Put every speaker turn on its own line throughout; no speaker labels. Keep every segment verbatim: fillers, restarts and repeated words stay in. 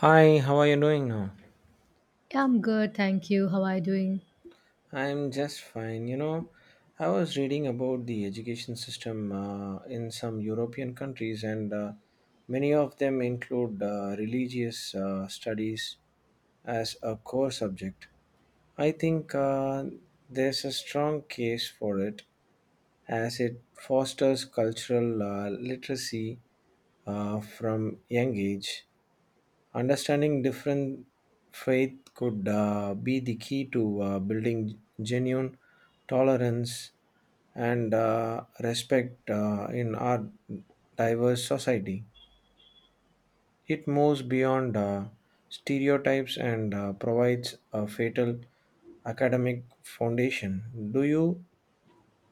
Hi, how are you doing now?
Yeah, I'm good, thank you. How are you doing?
I'm just fine. You know, I was reading about the education system uh, in some European countries, and uh, many of them include uh, religious uh, studies as a core subject. I think uh, there's a strong case for it as it fosters cultural uh, literacy uh, from young age. Understanding different faith could uh, be the key to uh, building genuine tolerance and uh, respect uh, in our diverse society. It moves beyond uh, stereotypes and uh, provides a fatal academic foundation. Do you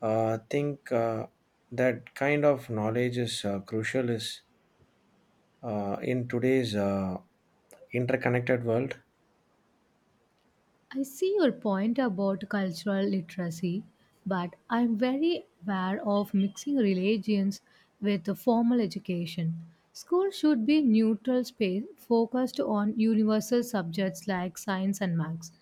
uh, think uh, that kind of knowledge is uh, crucial is uh, in today's uh, interconnected world?
I see your point about cultural literacy, but I'm very aware of mixing religions with a formal education. School should be neutral space focused on universal subjects like science and maths.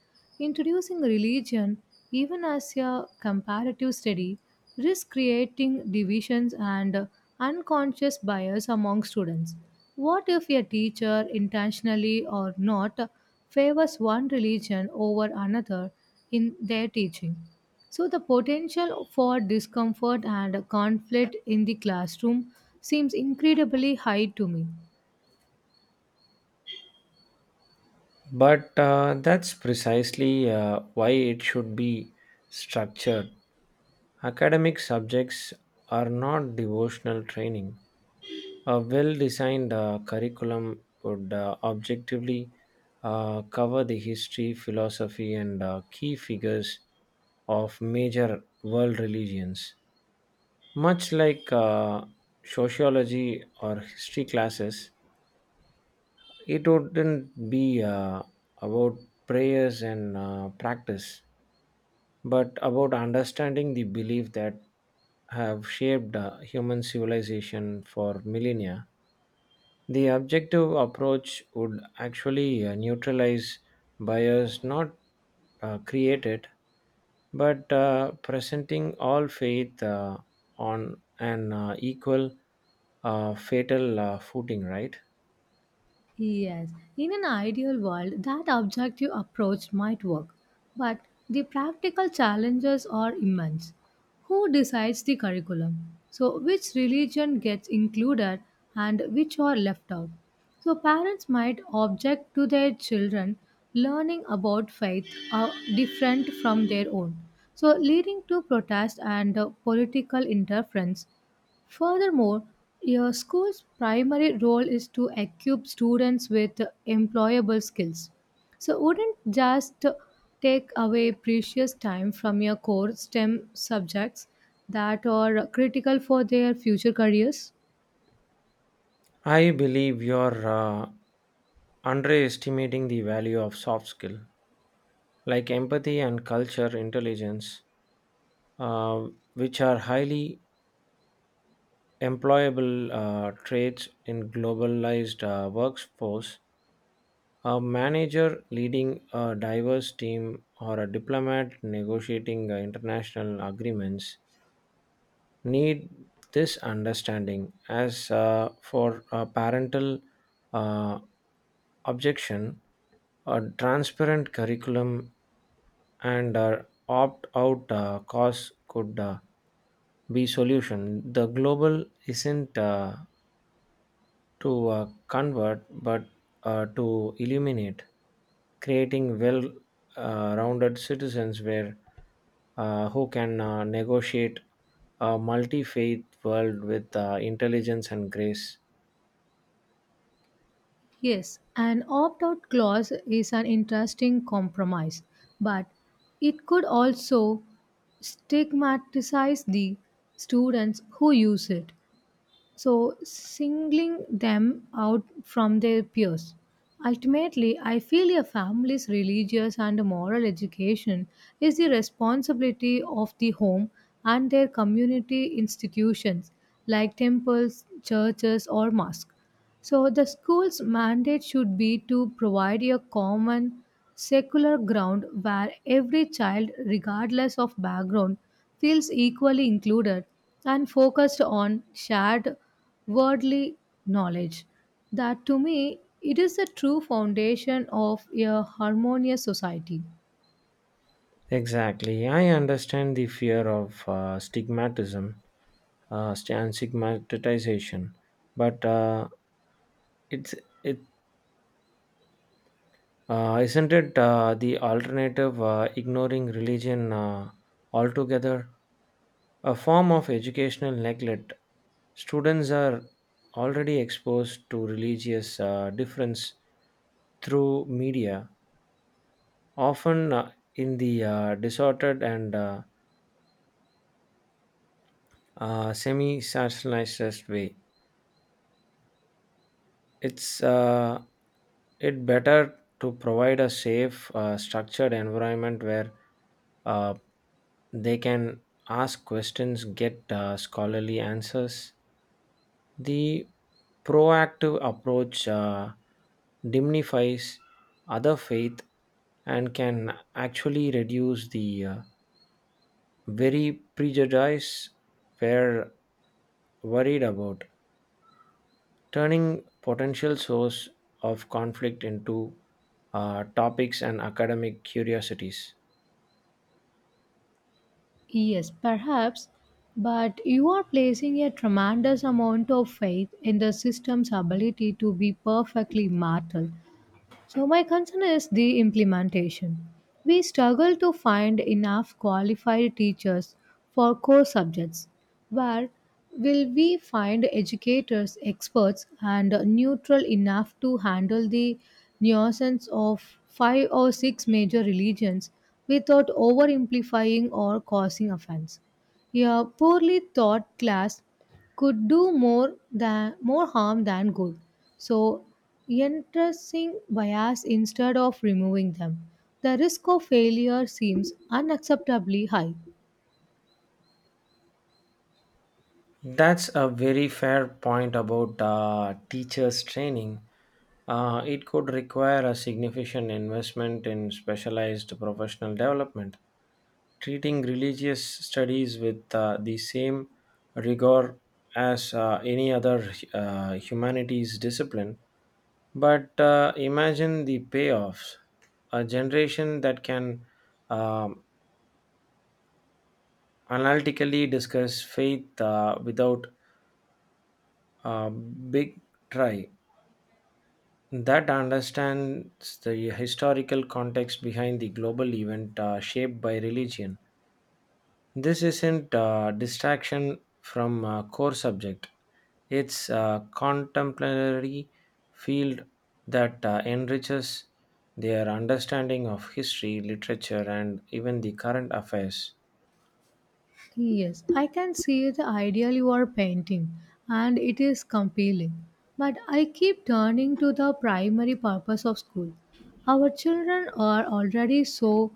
Introducing religion even as a comparative study risk creating divisions and unconscious bias among students. What if a teacher, intentionally or not, favors one religion over another in their teaching? So the potential for discomfort and conflict in the classroom seems incredibly high to me.
But uh, that's precisely uh, why it should be structured. Academic subjects are not devotional training. A well designed uh, curriculum would uh, objectively uh, cover the history, philosophy, and uh, key figures of major world religions. Much like uh, sociology or history classes, it wouldn't be uh, about prayers and uh, practice but about understanding the belief that have shaped uh, human civilization for millennia. The objective approach would actually uh, neutralize bias, not uh, create it, but uh, presenting all faith uh, on an uh, equal uh, fatal uh, footing, right?
Yes, in an ideal world, that objective approach might work, but the practical challenges are immense. Who decides the curriculum? So which religion gets included and which are left out? So parents might object to their children learning about faith are different from their own, so leading to protest and uh, political interference. Furthermore, your school's primary role is to equip students with employable skills. So wouldn't just take away precious time from your core STEM subjects that are critical for their future careers?
I believe you're uh, underestimating the value of soft skill, like empathy and culture intelligence, uh, which are highly employable uh, traits in globalized uh, workforce. A manager leading a diverse team or a diplomat negotiating uh, international agreements need this understanding as uh, for uh, parental uh, objection, a transparent curriculum and uh, opt out uh, cause could uh, be solution. The global isn't uh, to uh, convert but uh, to illuminate, creating well uh, rounded citizens where uh, who can uh, negotiate a multi faith world with uh, intelligence and grace.
Yes, an opt out clause is an interesting compromise, but it could also stigmatize the students who use it, so singling them out from their peers. Ultimately, I feel a family's religious and moral education is the responsibility of the home and their community institutions like temples, churches, or mosques. So the school's mandate should be to provide a common secular ground where every child, regardless of background, feels equally included and focused on shared worldly knowledge. That to me, it is the true foundation of a harmonious society.
Exactly. I understand the fear of uh, stigmatism uh, st- and stigmatization, but uh, it's it Uh, isn't it uh, the alternative uh, ignoring religion uh, altogether? A form of educational neglect. Students are already exposed to religious uh, difference through media, often uh, in the uh, distorted and uh, uh, semi sensationalized way. It's uh, it better to provide a safe, uh, structured environment where uh, they can ask questions, get uh, scholarly answers. The proactive approach uh, diminifies other faith and can actually reduce the uh, very prejudice we're worried about, turning potential source of conflict into uh, topics and academic curiosities.
Yes, perhaps, but you are placing a tremendous amount of faith in the system's ability to be perfectly mortal. So my concern is the implementation. We struggle to find enough qualified teachers for core subjects. Where will we find educators, experts, and neutral enough to handle the nuisance of five or six major religions without over amplifying or causing offense? A poorly taught class could do more than more harm than good. So entrusting bias instead of removing them, the risk of failure seems unacceptably high.
That's a very fair point about uh, teachers' training. Uh, it could require a significant investment in specialized professional development, treating religious studies with uh, the same rigor as uh, any other uh, humanities discipline. But uh, imagine the payoffs. A generation that can um, analytically discuss faith uh, without a big try, that understands the historical context behind the global event uh, shaped by religion. This isn't a distraction from a core subject. It's a contemporary field that uh, enriches their understanding of history, literature, and even the current affairs.
Yes, I can see the ideal you are painting, and it is compelling. But I keep turning to the primary purpose of school. Our children are already so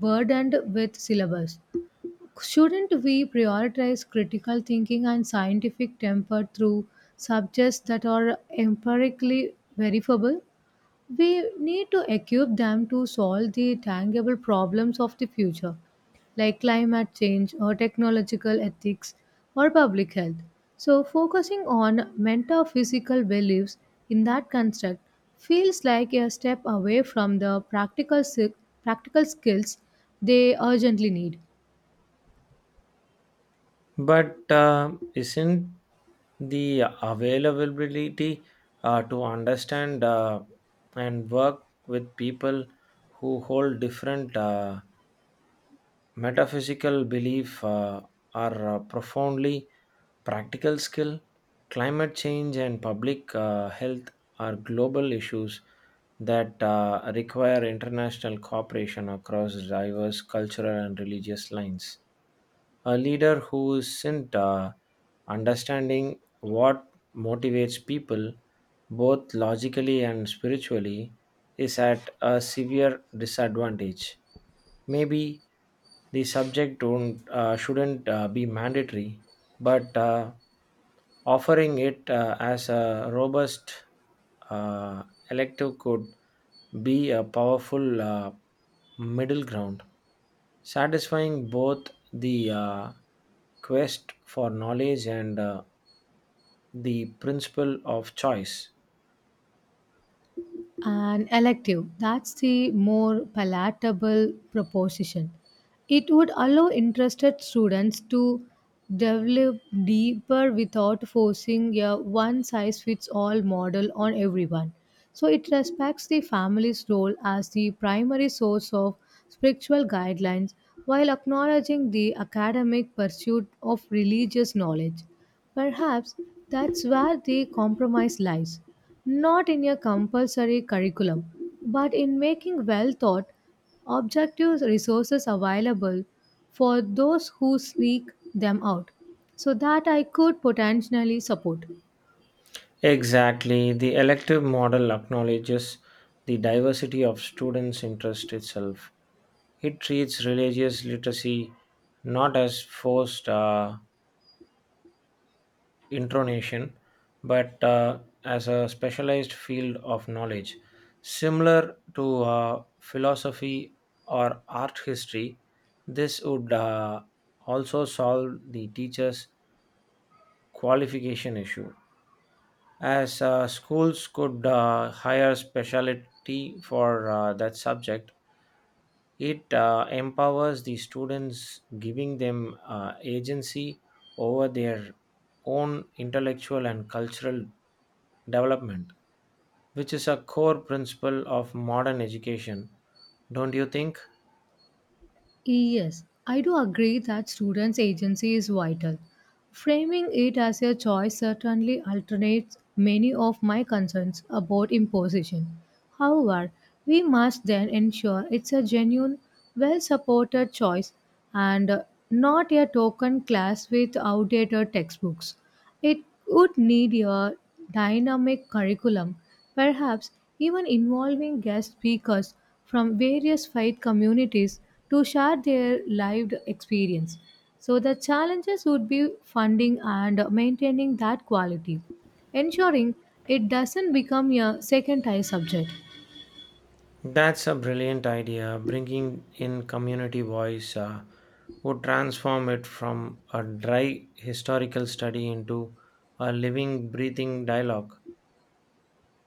burdened with syllabus. Shouldn't we prioritize critical thinking and scientific temper through subjects that are empirically verifiable? We need to equip them to solve the tangible problems of the future, like climate change or technological ethics or public health. So focusing on metaphysical beliefs in that construct feels like a step away from the practical, si- practical skills they urgently need.
But uh, isn't the availability uh, to understand uh, and work with people who hold different uh, metaphysical belief uh, are uh, profoundly practical skill. Climate change and public uh, health are global issues that uh, require international cooperation across diverse cultural and religious lines. A leader who isn't uh, understanding what motivates people, both logically and spiritually, is at a severe disadvantage. Maybe the subject don't, uh, shouldn't uh, be mandatory, but uh, offering it uh, as a robust uh, elective could be a powerful uh, middle ground, satisfying both the uh, quest for knowledge and uh, the principle of choice.
An elective, that's the more palatable proposition. It would allow interested students to develop deeper without forcing a one size fits all model on everyone. So it respects the family's role as the primary source of spiritual guidelines while acknowledging the academic pursuit of religious knowledge. Perhaps that's where the compromise lies, not in a compulsory curriculum, but in making well thought, objective resources available for those who sneak them out, so that I could potentially support.
Exactly. The elective model acknowledges the diversity of students' interest itself. It treats religious literacy not as forced uh, intronation, but uh, as a specialized field of knowledge, similar to uh, philosophy or art history. This would uh, also solve the teacher's qualification issue, as uh, schools could uh, hire specialty for uh, that subject. It uh, empowers the students, giving them uh, agency over their own intellectual and cultural development, which is a core principle of modern education, don't you think?
Yes, I do agree that students' agency is vital. Framing it as a choice certainly alternates many of my concerns about imposition. However, we must then ensure it's a genuine, well supported choice and uh, not a token class with outdated textbooks. It would need a dynamic curriculum, perhaps even involving guest speakers from various faith communities to share their lived experience. So the challenges would be funding and maintaining that quality, ensuring it doesn't become a second tier subject.
That's a brilliant idea. Bringing in community voice uh, would transform it from a dry historical study into a living, breathing dialogue.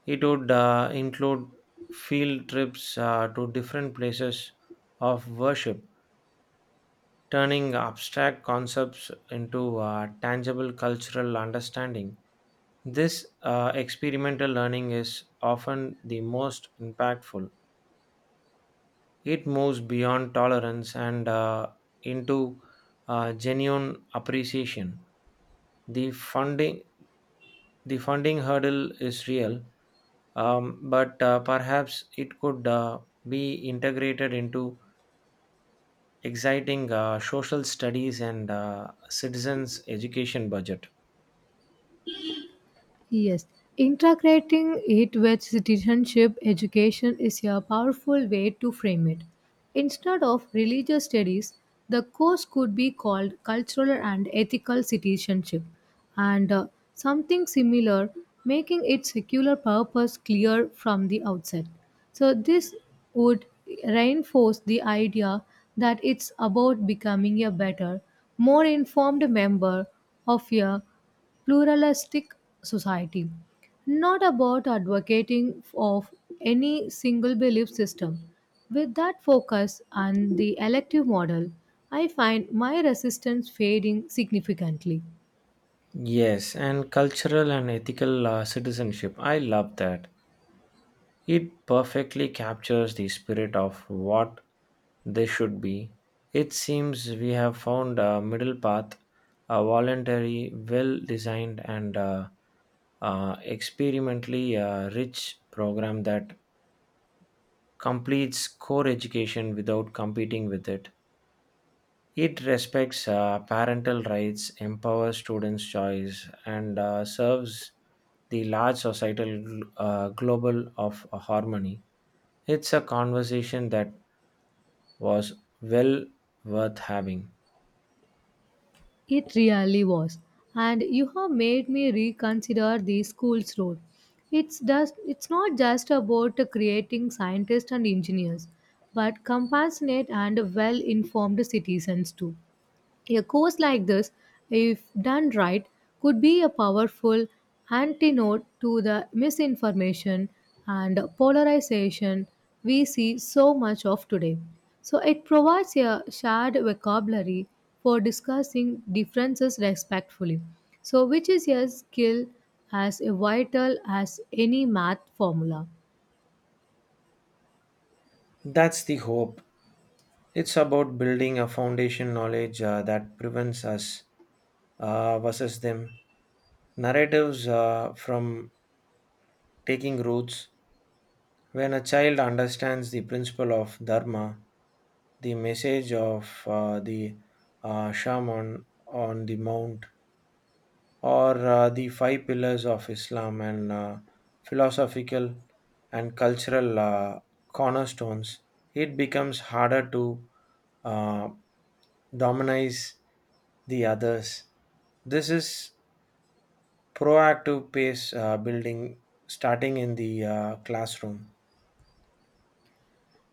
It would uh, include field trips uh, to different places of worship, turning abstract concepts into uh, tangible cultural understanding. This uh, experimental learning is often the most impactful. It moves beyond tolerance and uh, into uh, genuine appreciation. The funding the funding hurdle is real, um, but uh, perhaps it could uh, be integrated into exciting uh, social studies and uh, citizens education budget.
Yes, integrating it with citizenship education is a powerful way to frame it. Instead of religious studies, the course could be called cultural and ethical citizenship, and uh, something similar, making its secular purpose clear from the outset. So this would reinforce the idea that it's about becoming a better, more informed member of a pluralistic society, not about advocating of any single belief system. With that focus and the elective model, I find my resistance fading significantly.
Yes, and cultural and ethical uh, citizenship. I love that. It perfectly captures the spirit of what they should be. It seems we have found a middle path, a voluntary, well designed, and uh, uh, experimentally uh, rich program that completes core education without competing with it. It respects uh, parental rights, empowers students' choice, and uh, serves the large societal uh, global of harmony. It's a conversation that was well worth having.
It really was, and you have made me reconsider the school's role. It's just, it's not just about creating scientists and engineers, but compassionate and well-informed citizens too. A course like this, if done right, could be a powerful antidote to the misinformation and polarization we see so much of today. So it provides a shared vocabulary for discussing differences respectfully, So, which is a skill as vital as any math formula.
That's the hope. It's about building a foundation knowledge uh, that prevents us uh, versus them narratives uh, from taking roots. When a child understands the principle of Dharma, the message of uh, the uh, shaman on the mount, or uh, the five pillars of Islam and uh, philosophical and cultural uh, cornerstones, it becomes harder to uh, dominize the others. This is proactive pace uh, building, starting in the uh, classroom.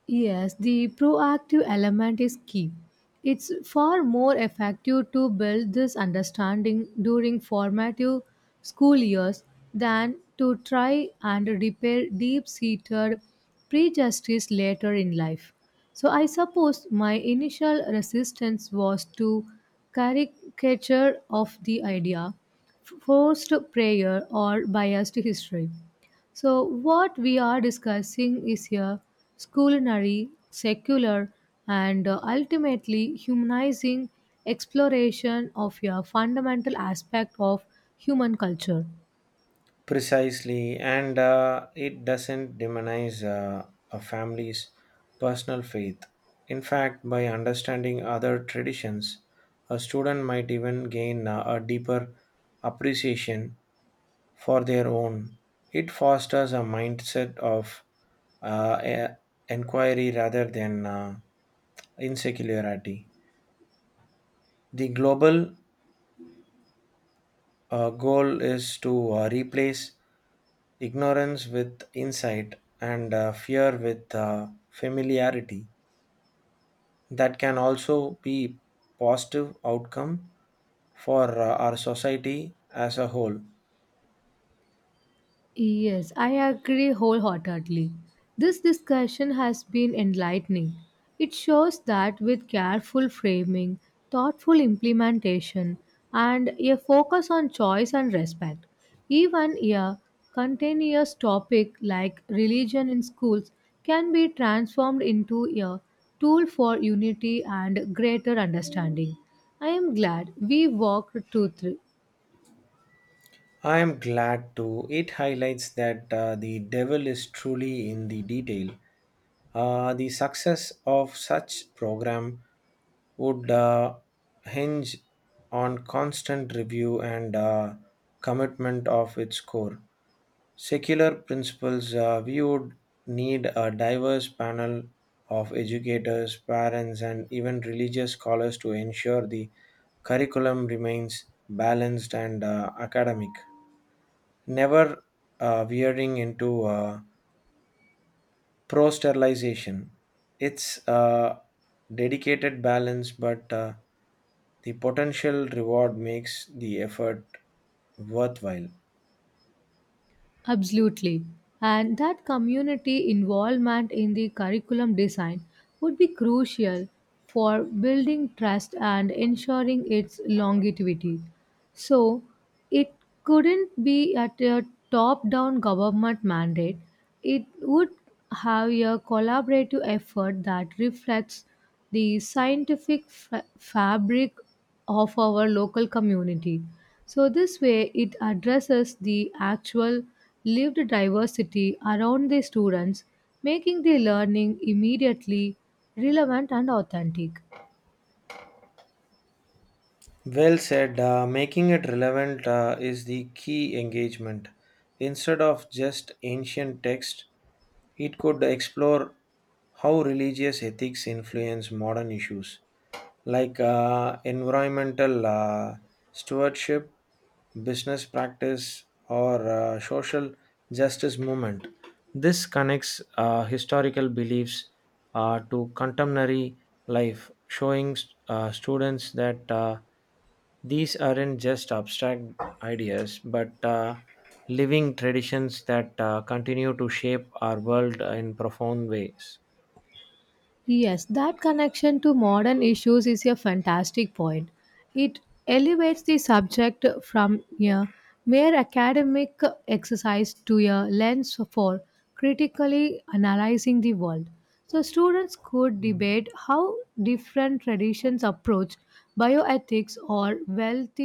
Yes, the proactive element is key. It's far more effective to build this understanding during formative school years than to try and repair deep seated prejudices later in life. So I suppose my initial resistance was to caricature of the idea, forced prayer, or biased history. So what we are discussing is a culinary, secular, and uh, ultimately humanizing exploration of a fundamental aspect of human culture.
Precisely, and uh, it doesn't demonize uh, a family's personal faith. In fact, by understanding other traditions, a student might even gain uh, a deeper appreciation for their own. It fosters a mindset of uh, e- inquiry rather than uh, insularity. The global. Our goal is to uh, replace ignorance with insight and uh, fear with uh, familiarity. That can also be positive outcome for uh, our society as a whole.
Yes, I agree wholeheartedly. This discussion has been enlightening. It shows that with careful framing, thoughtful implementation, and a focus on choice and respect, even a continuous topic like religion in schools can be transformed into a tool for unity and greater understanding. I am glad we walked through.
I am glad to it highlights that uh, the devil is truly in the detail. Uh, the success of such program would uh, hinge on constant review and uh, commitment of its core secular principles. Uh, we would need a diverse panel of educators, parents, and even religious scholars to ensure the curriculum remains balanced and uh, academic, never uh, veering into uh, pro sterilization. It's a dedicated balance, but uh, the potential reward makes the effort worthwhile.
Absolutely. And that community involvement in the curriculum design would be crucial for building trust and ensuring its longevity. So it couldn't be at a top down government mandate, it would have a collaborative effort that reflects the scientific fa- fabric of our local community. So this way, it addresses the actual lived diversity around the students, making the learning immediately relevant and authentic.
Well said. Uh, making it relevant uh, is the key engagement. Instead of just ancient text, it could explore how religious ethics influence modern issues like uh, environmental uh, stewardship, business practice, or uh, social justice movement. This connects uh, historical beliefs uh, to contemporary life, showing uh, students that uh, these aren't just abstract ideas but uh, living traditions that uh, continue to shape our world in profound ways.
Yes, that connection to modern issues is a fantastic point. It elevates the subject from a mere academic exercise to a lens for critically analyzing the world. So students could debate how different traditions approach bioethics or wealth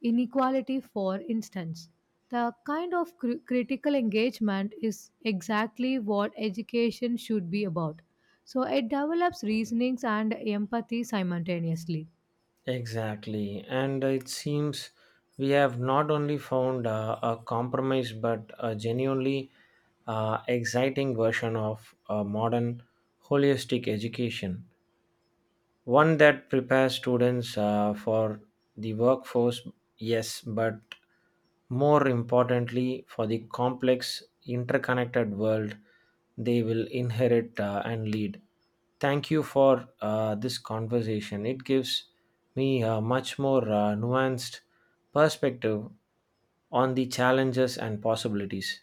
inequality, for instance. The kind of cri- critical engagement is exactly what education should be about, so it develops reasonings and empathy simultaneously.
Exactly. And it seems we have not only found uh, a compromise but a genuinely uh, exciting version of uh, modern holistic education, one that prepares students uh, for the workforce, yes, but more importantly for the complex interconnected world they will inherit uh, and lead. Thank you for uh, this conversation. It gives me a much more uh, nuanced perspective on the challenges and possibilities.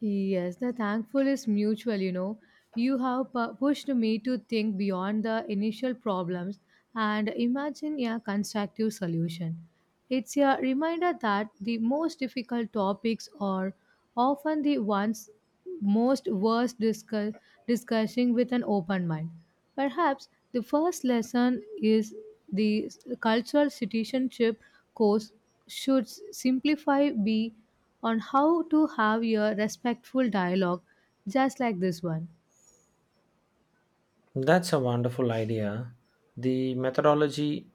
Yes, the thankful is mutual, you know. You have pu- pushed me to think beyond the initial problems and imagine a constructive solution. It's a reminder that the most difficult topics are often the ones most worth discuss, discussing with an open mind. Perhaps the first lesson is the cultural citizenship course should simplify be on how to have a respectful dialogue just like this one.
That's a wonderful idea. The methodology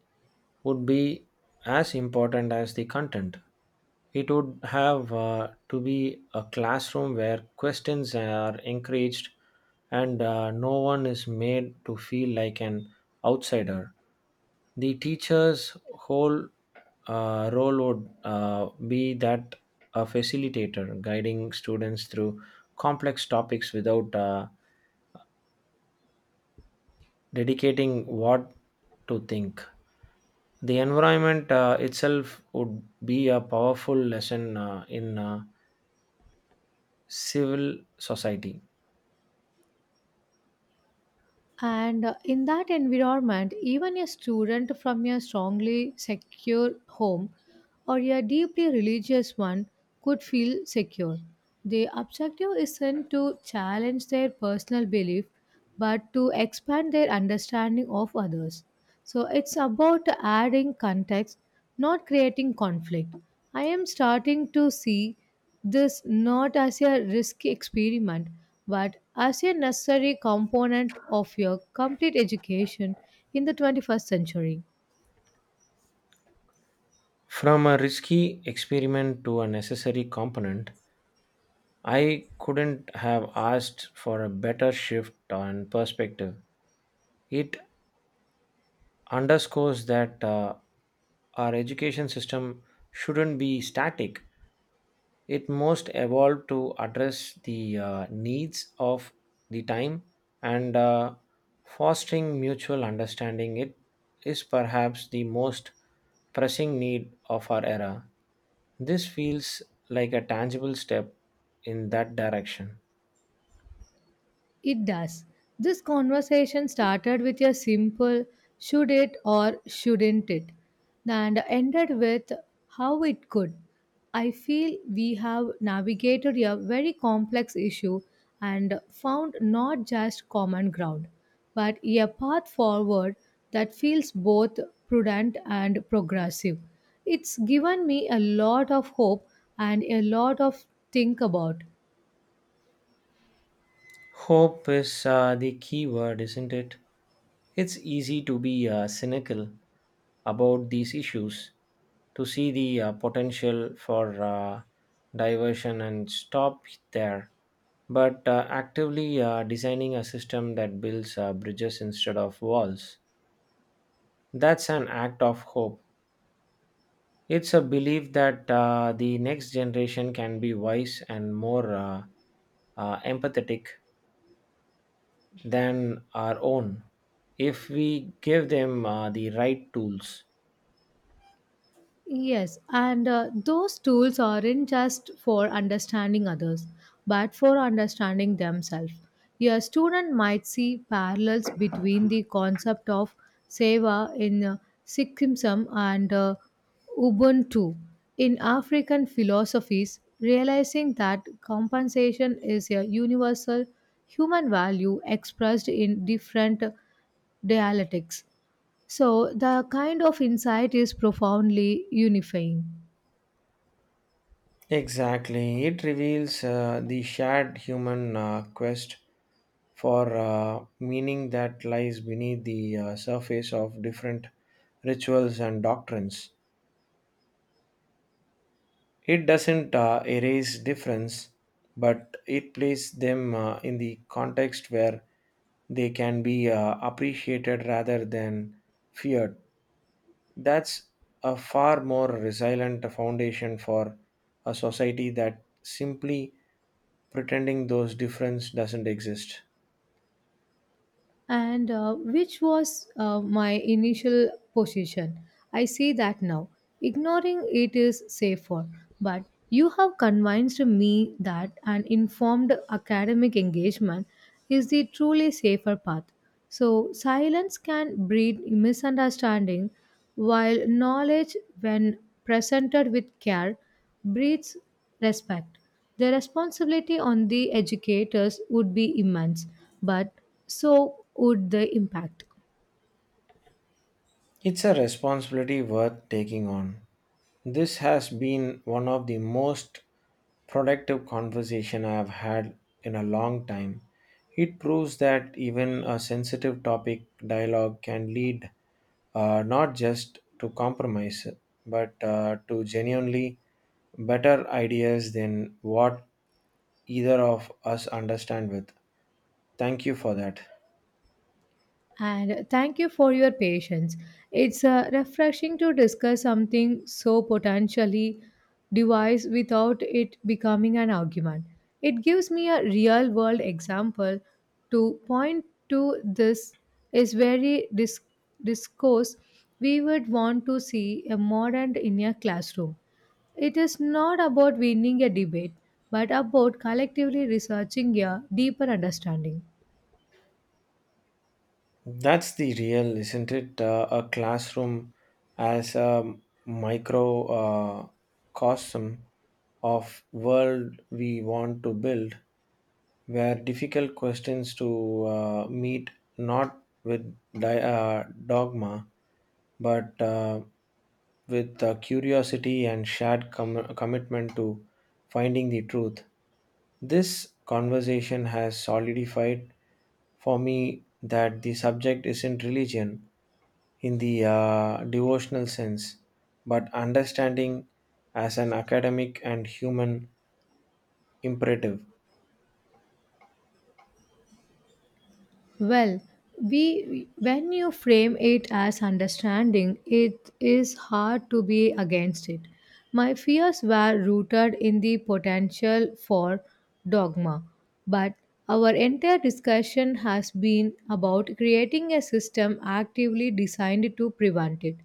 would be as important as the content. It would have uh, to be a classroom where questions are encouraged and uh, no one is made to feel like an outsider. The teacher's whole uh, role would uh, be that a facilitator, guiding students through complex topics without uh, dedicating what to think. The environment uh, itself would be a powerful lesson uh, in uh, civil society.
And uh, in that environment, even a student from a strongly secure home or a deeply religious one could feel secure. The objective isn't to challenge their personal belief but to expand their understanding of others. So it's about adding context, not creating conflict. I am starting to see this not as a risky experiment but as a necessary component of your complete education in the twenty-first century.
From a risky experiment to a necessary component, I couldn't have asked for a better shift on perspective. It underscores that uh, our education system shouldn't be static. It most evolved to address the uh, needs of the time, and uh, fostering mutual understanding. It is perhaps the most pressing need of our era. This feels like a tangible step in that direction.
It does. This conversation started with a simple should it or shouldn't it and ended with how it could. I feel we have navigated a very complex issue and found not just common ground, but a path forward that feels both prudent and progressive. It's given me a lot of hope and a lot of think about.
Hope is uh, the key word, isn't it? It's easy to be uh, cynical about these issues, to see the uh, potential for uh, diversion and stop there. But uh, actively uh, designing a system that builds uh, bridges instead of walls, that's an act of hope. It's a belief that uh, the next generation can be wise and more uh, uh, empathetic than our own if we give them uh, the right tools.
Yes, and uh, those tools aren't just for understanding others, but for understanding themselves. A student might see parallels between the concept of seva in uh, Sikhism and uh, Ubuntu in African philosophies, realizing that compensation is a universal human value expressed in different dialectics. So the kind of insight is profoundly unifying,
Exactly. It reveals uh, the shared human uh, quest for uh, meaning that lies beneath the uh, surface of different rituals and doctrines. It doesn't uh, erase difference, but it places them uh, in the context where they can be uh, appreciated rather than feared. That's a far more resilient foundation for a society that simply pretending those difference doesn't exist.
and uh, which was uh, my initial position. I see that now. Ignoring it is safer, but you have convinced me that an informed academic engagement is the truly safer path. So silence can breed misunderstanding, while knowledge, when presented with care, breeds respect. The responsibility on the educators would be immense, but so would the impact.
It's a responsibility worth taking on. This has been one of the most productive conversation I have had in a long time. It proves that even a sensitive topic dialogue can lead uh, not just to compromise but uh, to genuinely better ideas than what either of us understand with. Thank you for that.
And thank you for your patience. It's uh, refreshing to discuss something so potentially device without it becoming an argument. It gives me a real world example to point to this is very dis- discourse we would want to see a modern in a classroom. It is not about winning a debate, but about collectively researching a deeper understanding.
That's the real, isn't it? Uh, a classroom as a microcosm uh, cosm of world we want to build, where difficult questions to uh, meet not with di- uh, dogma, but uh, with uh, curiosity and shared com- commitment to finding the truth. This conversation has solidified for me that the subject isn't religion in the uh, devotional sense, but understanding as an academic and human imperative.
Well, we when you frame it as understanding, it is hard to be against it. My fears were rooted in the potential for dogma, but our entire discussion has been about creating a system actively designed to prevent it.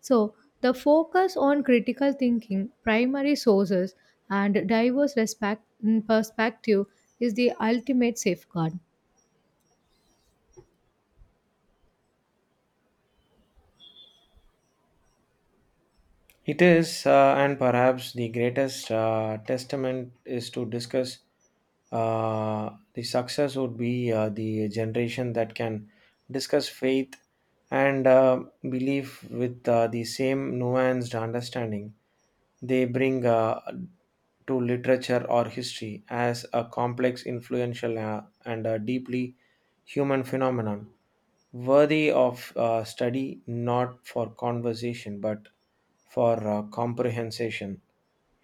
So the focus on critical thinking, primary sources, and diverse respect perspective is the ultimate safeguard.
It is, uh, and perhaps the greatest uh, testament is to discuss uh, the success would be uh, the generation that can discuss faith and uh, belief with uh, the same nuanced understanding they bring uh, to literature or history as a complex, influential, uh, and a deeply human phenomenon worthy of uh, study, not for conversation but for uh, comprehension,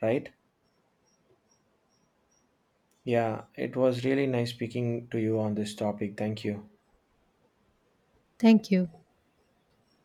right? Yeah, it was really nice speaking to you on this topic. Thank you.
Thank you.